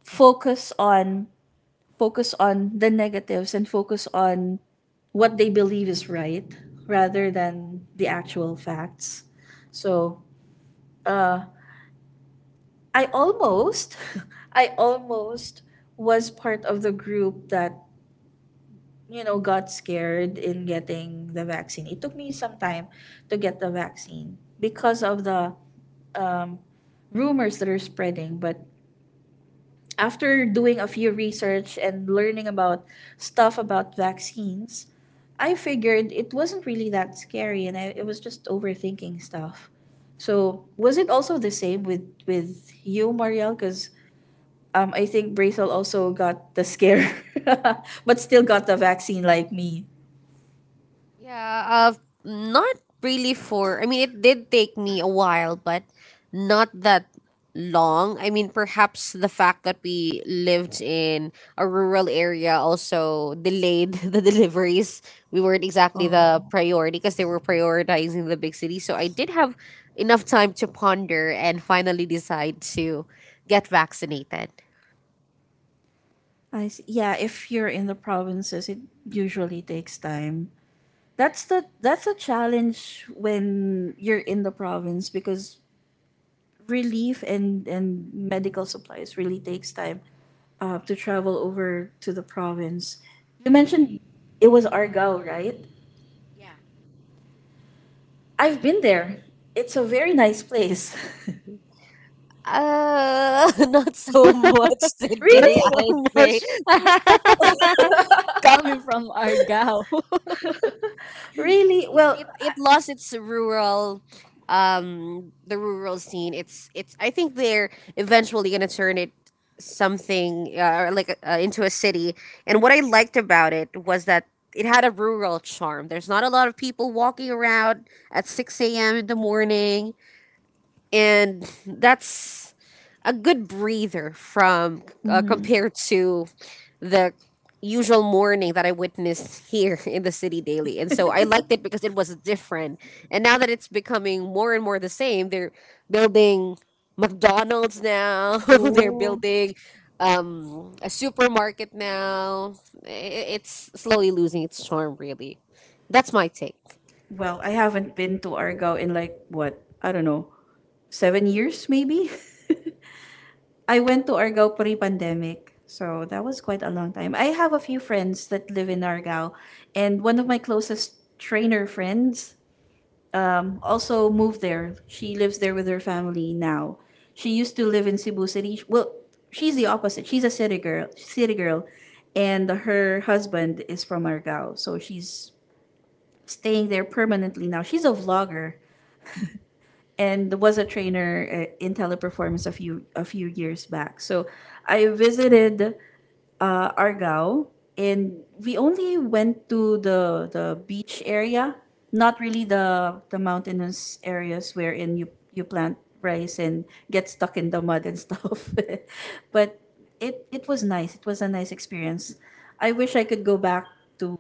focus on focus on the negatives and focus on what they believe is right rather than the actual facts. So, uh, I almost, I almost was part of the group that you know got scared in getting the vaccine. It took me some time to get the vaccine because of the, um, rumors that are spreading. But after doing a few research and learning about stuff about vaccines, I figured it wasn't really that scary, and I, it was just overthinking stuff. So was it also the same with you, Marielle? Because, I think Braithel also got the scare, but still got the vaccine like me.
Yeah, not really for. I mean, it did take me a while, but not that long. I mean, perhaps the fact that we lived in a rural area also delayed the deliveries. We weren't exactly the
Oh,
priority because they were prioritizing the big city. So I did have enough time to ponder and finally decide to get vaccinated.
I see. Yeah, if you're in the provinces, it usually takes time. That's the, that's a challenge when you're in the province because relief and medical supplies really takes time, to travel over to the province. You mentioned it was Argao, right?
Yeah.
I've been there. It's a very nice place.
Not so much
That's
today,
Really?
I'd
so
say.
much coming from Argao.
I
Really?
mean, it,
Well,
it, it lost its rural, the rural scene. It's it's. I think they're eventually gonna turn it something or like into a city. And what I liked about it was that it had a rural charm. There's not a lot of people walking around at six a.m. in the morning, and that's a good breather from
hmm.
compared to the usual morning that I witnessed here in the city daily. And so I liked it because it was different. And now that it's becoming more and more the same, they're building McDonald's now. They're
Oh,
building a supermarket now. I- It's slowly losing its charm, really. That's my take.
well, I haven't been to Argao in like what? I don't know, 7 years maybe. I went to Argao pre-pandemic. So that was quite a long time. I have a few friends that live in Argao, and one of my closest trainer friends, also moved there. She lives there with her family now. She used to live in Cebu City. Well, she's the opposite. She's a city girl, city girl, and her husband is from Argao. So she's staying there permanently now. She's a vlogger and was a trainer, in teleperformance a few years back. So I visited, Argao, and we only went to the beach area, not really the mountainous areas wherein you plant rice and get stuck in the mud and stuff. But it was nice. It was a nice experience. I wish I could go back to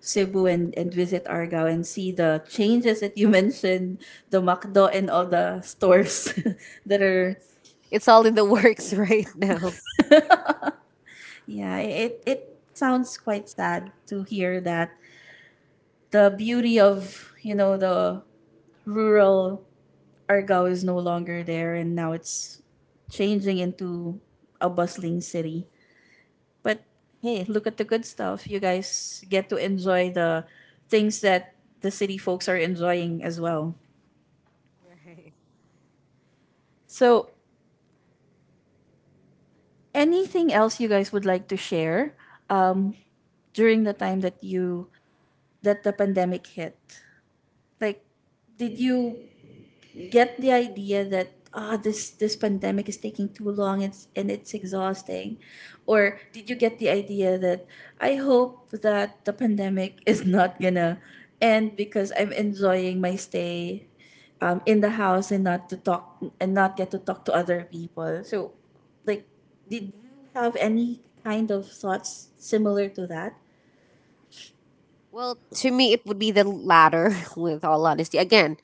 Cebu and visit Argao and see the changes that you mentioned, the Macdo and all the stores that
Well,
are,
it's all in the works right now.
yeah, it sounds quite sad to hear that the beauty of you know the rural Argao is no longer there, and now it's changing into a bustling city. But hey, look at the good stuff. You guys get to enjoy the things that the city folks are enjoying as well.
Right.
So, anything else you guys would like to share, um, during the time that you, that the pandemic hit? Like, did you get the idea that ah this pandemic is taking too long, and it's exhausting, or did you get the idea that I hope that the pandemic is not gonna end because I'm enjoying my stay, in the house and not to talk and not get to talk to other people, so like did you have any kind of thoughts similar to that?
Well, to me, it would be the latter, with all honesty. Again,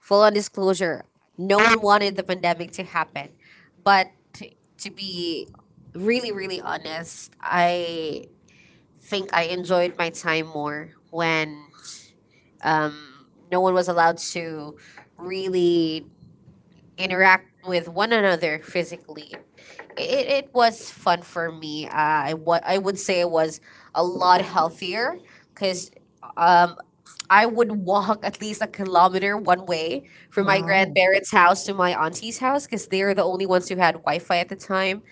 full on disclosure, no one wanted the pandemic to happen. But to, to be really, really honest, I think I enjoyed my time more when no one was allowed to really interact with one another physically. It was fun for me. I would say it was a lot healthier because I would walk at least a kilometer one way from my
Oh.
grandparents' house to my auntie's house because they are the only ones who had Wi Fi at the time.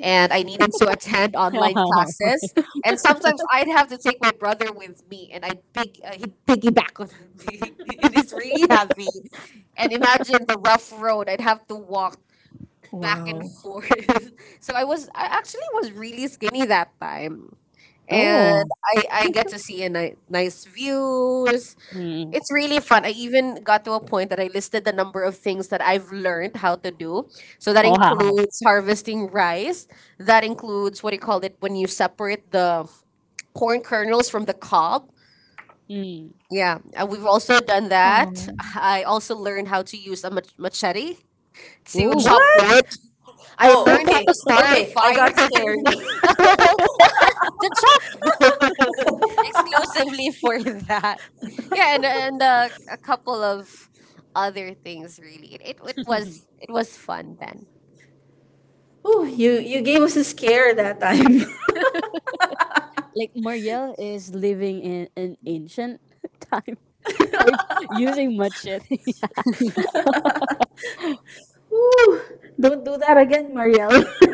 And I needed to attend online
Wow.
classes. And sometimes I'd have to take my brother with me and I'd he'd piggyback on me. It is really heavy. And imagine the rough road I'd have to walk back and forth. So I was, I actually was really skinny that time.
Oh.
And I get to see a nice views,
Mm.
it's really fun. I even got to a point that I listed the number of things that I've learned how to do. So that
Wow.
includes harvesting rice. That includes what do you call it when you separate the corn kernels from the cob.
Mm.
Yeah, and we've also done that. I also learned how to use a machete to
Ooh.
chop
What?
wood. I
Oh,
learned how
okay.
to start a
Okay, I
fire.
got scared.
The chopboard exclusively for that. Yeah, and a couple of other things really. It was it was fun then.
Oh, you gave us a scare that time.
Like Marielle is living in an ancient time, like using machete.
Whew. Don't do that again, Marielle.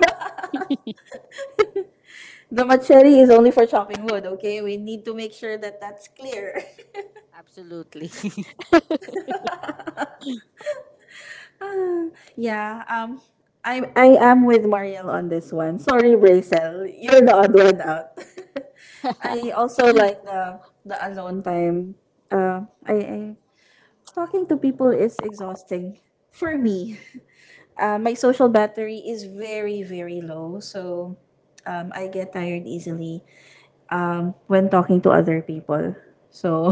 The machete is only for chopping wood, okay? We need to make sure that that's clear.
Absolutely.
Yeah, I am with Marielle on this one. Sorry, Bracel. You're the odd one out. I also like the alone time. I Talking to people is exhausting for me. My social battery is very, very low, so, I get tired easily, when talking to other people. So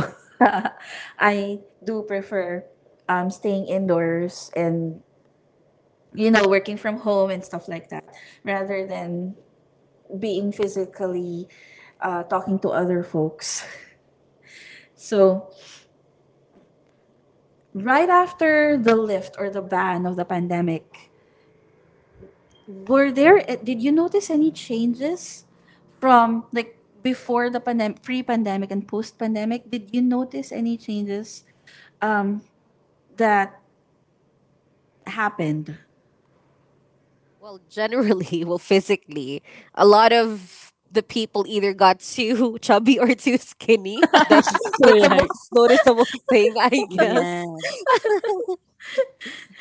I do prefer, staying indoors and you know working from home and stuff like that rather than being physically, talking to other folks. So right after the lift or the ban of the pandemic, were there did you notice any changes from like before the pandemic, pre-pandemic and post-pandemic? Did you notice any changes that happened?
Well, generally, well, physically, a lot of the people either got too chubby or too skinny. That's the
Correct.
most noticeable thing, I
Yeah.
guess.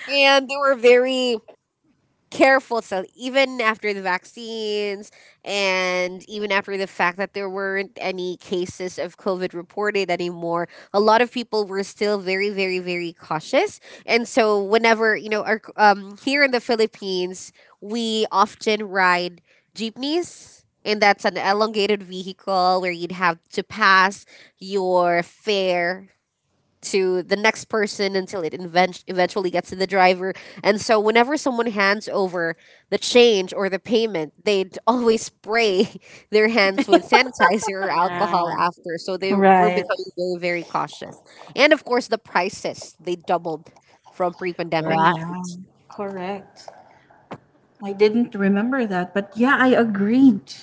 And they were very careful, so even after the vaccines and even after the fact that there weren't any cases of COVID reported anymore, a lot of people were still very, very, very cautious. And so whenever, you know, our here in the Philippines, we often ride jeepneys, and that's an elongated vehicle where you'd have to pass your fare to the next person until it eventually gets to the driver. And so, whenever someone hands over the change or the payment, they'd always spray their hands with sanitizer or alcohol
Yeah.
after. So, they were
Right.
becoming very, very cautious. And of course, the prices they doubled from pre pandemic.
Oh
Right.
yeah, correct. I didn't remember that, but yeah, I agreed.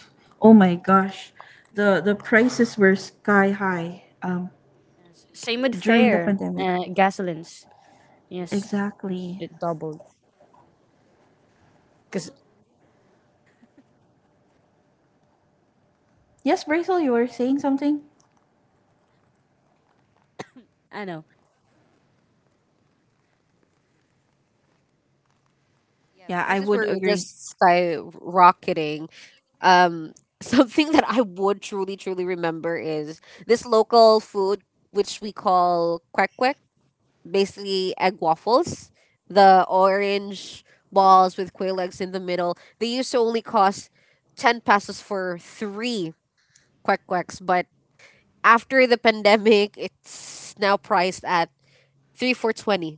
Oh my gosh, the prices were sky high,
Yes. Same with
during the
fare,
pandemic.
gasolines. Yes,
Exactly.
it doubled. Cause
Yes, Brazel, you were saying something.
I know.
Yeah, the
Yeah, I
prices
would
were
agree.
just skyrocketing. Um, something that I would truly, truly remember is this local food, which we call kwek, basically egg waffles, the orange balls with quail eggs in the middle. They used to only cost 10 pesos for three quack quacks, but after the pandemic, it's now priced at 3 for 20.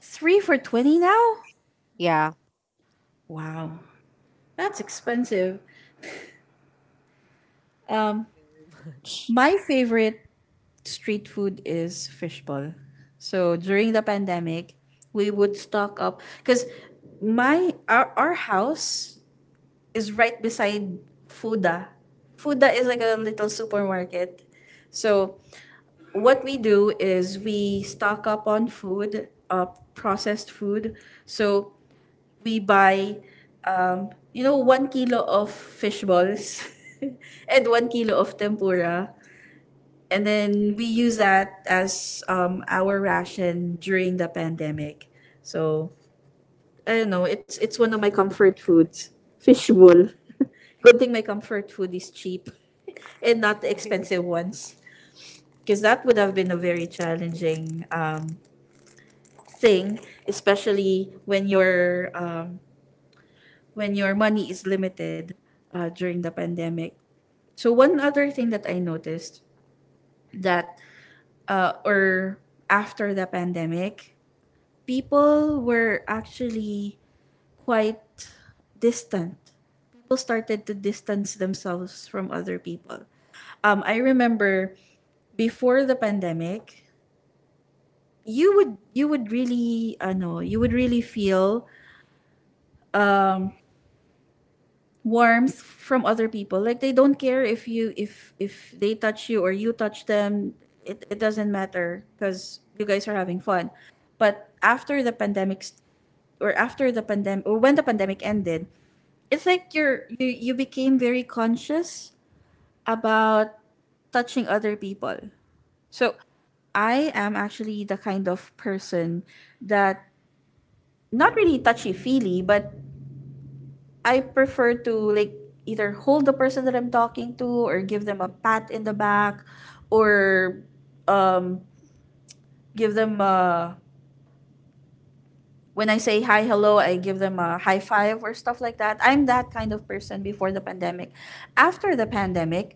Three for 20 now.
Yeah.
Wow, that's expensive. Um, my favorite street food is fishbowl. So during the pandemic, we would stock up because my our house is right beside Fuda. Fuda is like a little supermarket. So what we do is we stock up on food, processed food. So we buy, you know, 1 kilo of fish balls and 1 kilo of tempura, and then we use that as, our ration during the pandemic. So I don't know. It's one of my comfort foods. Fishbowl. Good thing my comfort food is cheap and not the expensive ones, because that would have been a very challenging, thing, especially when your, when your money is limited, during the pandemic. So one other thing that I noticed that or after the pandemic people were actually quite distant. People started to distance themselves from other people. I remember before the pandemic, you would really, I know, you would really feel um, warmth from other people like they don't care if you if they touch you or you touch them it doesn't matter because you guys are having fun but after the pandemic st- or after the pandemic or when the pandemic ended it's like you became very conscious about touching other people. So I am actually the kind of person that not really touchy feely, but I prefer to like either hold the person that I'm talking to or give them a pat in the back, or um give them a when I say hi hello I give them a high five or stuff like that. I'm that kind of person before the pandemic. After the pandemic,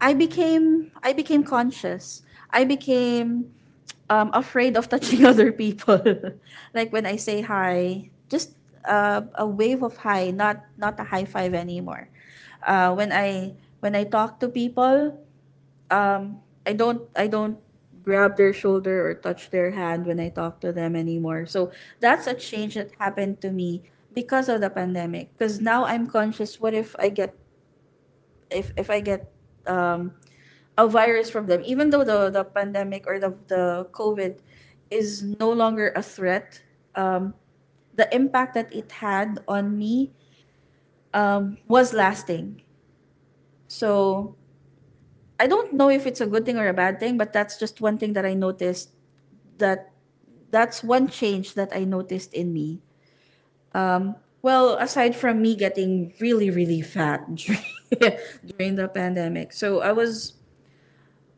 I became conscious. I became afraid of touching other people. Like when I say hi, just a wave of hi, not a high five anymore. Uh, when I when I talk to people, I don't grab their shoulder or touch their hand when I talk to them anymore. So that's a change that happened to me because of the pandemic. Because now I'm conscious. What if I get if I get um, a virus from them, even though the pandemic or the COVID is no longer a threat, um, the impact that it had on me was lasting. So I don't know if it's a good thing or a bad thing, but that's just one thing that I noticed. That that's one change that I noticed in me. Um, aside from me getting really fat during the pandemic, so I was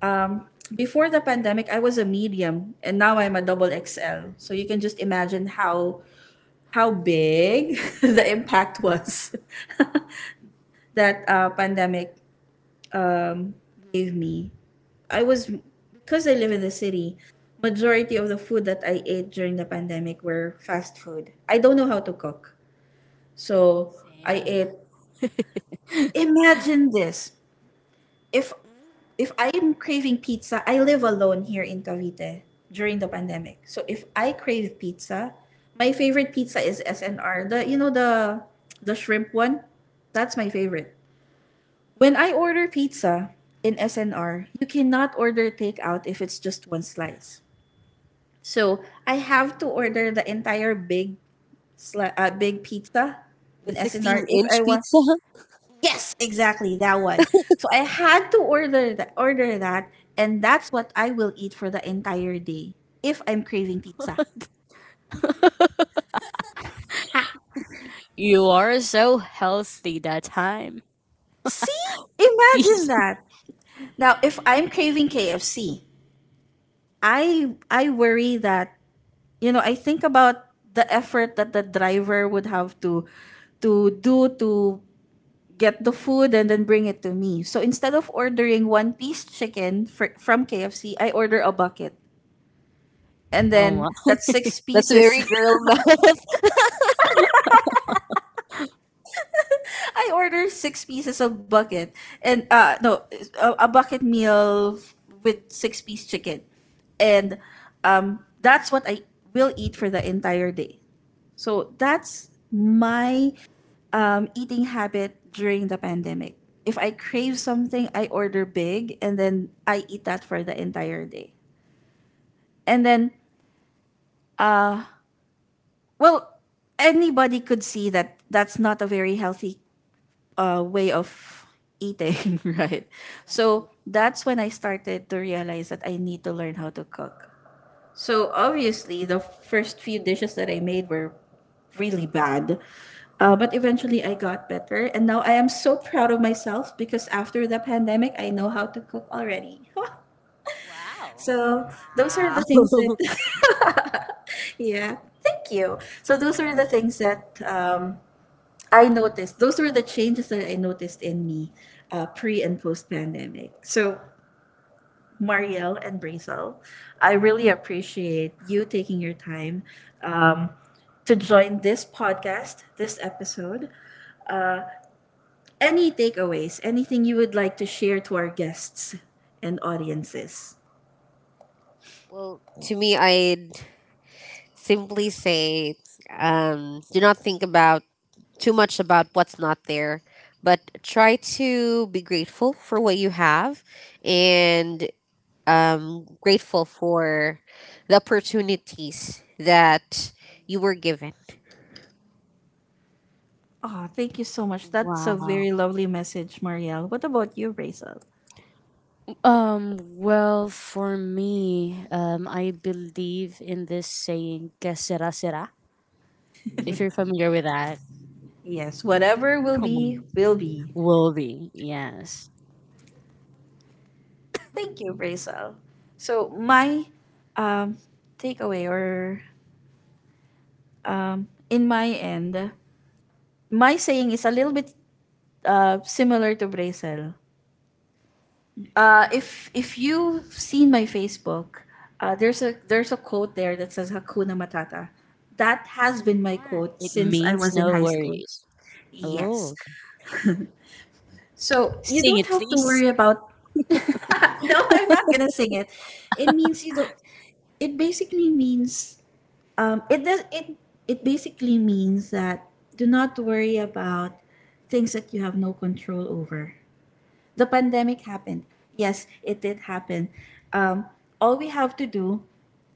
Um, before the pandemic, I was a medium, and now I'm a double XL. So you can just imagine how big the impact was that pandemic um, gave me. I was because I live in the city. Majority of the food that I ate during the pandemic were fast food. I don't know how to cook, so I
Same.
ate. Imagine this. if if I'm craving pizza, I live alone here in Cavite during the pandemic. So if I crave pizza, my favorite pizza is SNR. The you know the shrimp one? That's my favorite. When I order pizza in SNR, you cannot order takeout if it's just one slice. So I have to order the entire big big pizza
The
in SNR
16
if
inch
I want.
pizza.
Yes, exactly that one. So I had to order that and that's what I will eat for the entire day if I'm craving pizza.
You are so healthy that time.
See? Imagine that. Now if I'm craving KFC, I worry that you know, I think about the effort that the driver would have to do to get the food and then bring it to me. So instead of ordering one piece chicken from KFC, I order a bucket and
Oh,
then
wow.
that's six
That's very
pieces.
girl
I ordered six pieces of bucket and no a bucket meal with six-piece chicken, and that's what I will eat for the entire day. So that's my eating habit during the pandemic. If I crave something, I order big and then I eat that for the entire day. And then well anybody could see that that's not a very healthy way of eating, right? So that's when I started to realize that I need to learn how to cook. So obviously, the first few dishes that I made were really bad. But eventually, I got better. And now I am so proud of myself because after the pandemic, I know how to cook already.
Wow.
So, those are
now.
the things
Wow.
that, yeah, thank you. So, those are the things that I noticed. Those were the changes that I noticed in me pre and post pandemic. So, Marielle and Brazil, I really appreciate you taking your time um, to join this podcast, this episode. Any takeaways, anything you would like to share to our guests and audiences?
Well, to me, I'd simply say do not think about too much about what's not there, but try to be grateful for what you have and grateful for the opportunities that you were given.
Oh, thank you so much. That's a
Wow.
very lovely message, Marielle. What about you, Brazil?
Well, for me, I believe in this saying, que será, será. If you're familiar with that,
Yes, whatever will
um,
be, will be.
will be, yes.
Thank you, Rachel. So my um, takeaway or in my end, my saying is a little bit similar to Rachel. If you've seen my Facebook, there's a quote there that says Hakuna Matata. That has been my
Or
quote
it
since I
means
was in
no
high school.
worries. Oh,
Yes.
okay.
So you
Sing
don't
it,
have to
please.
worry about. No, I'm not gonna sing it. It means you don't. It basically means it does it it basically means that do not worry about things that you have no control over. The pandemic happened. Yes, it did happen. Um, all we have to do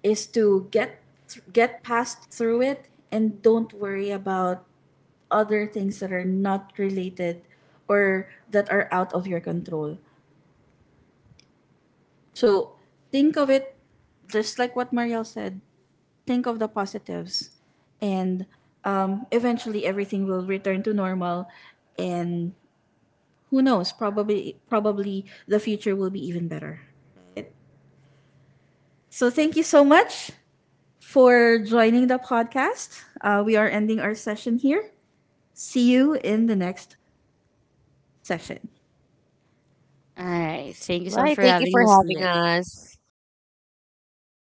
is to get get past through it and don't worry about other things that are not related or that are out of your control. So think of it just like what Mariel said. Think of the positives, and eventually everything will return to normal. And who knows? Probably, probably the future will be even better. So thank you so much for joining the podcast. We are ending our session here. See you in the next session.
All right. Thank you so much
Right.
for
Thank you
having
for
us here.
having us.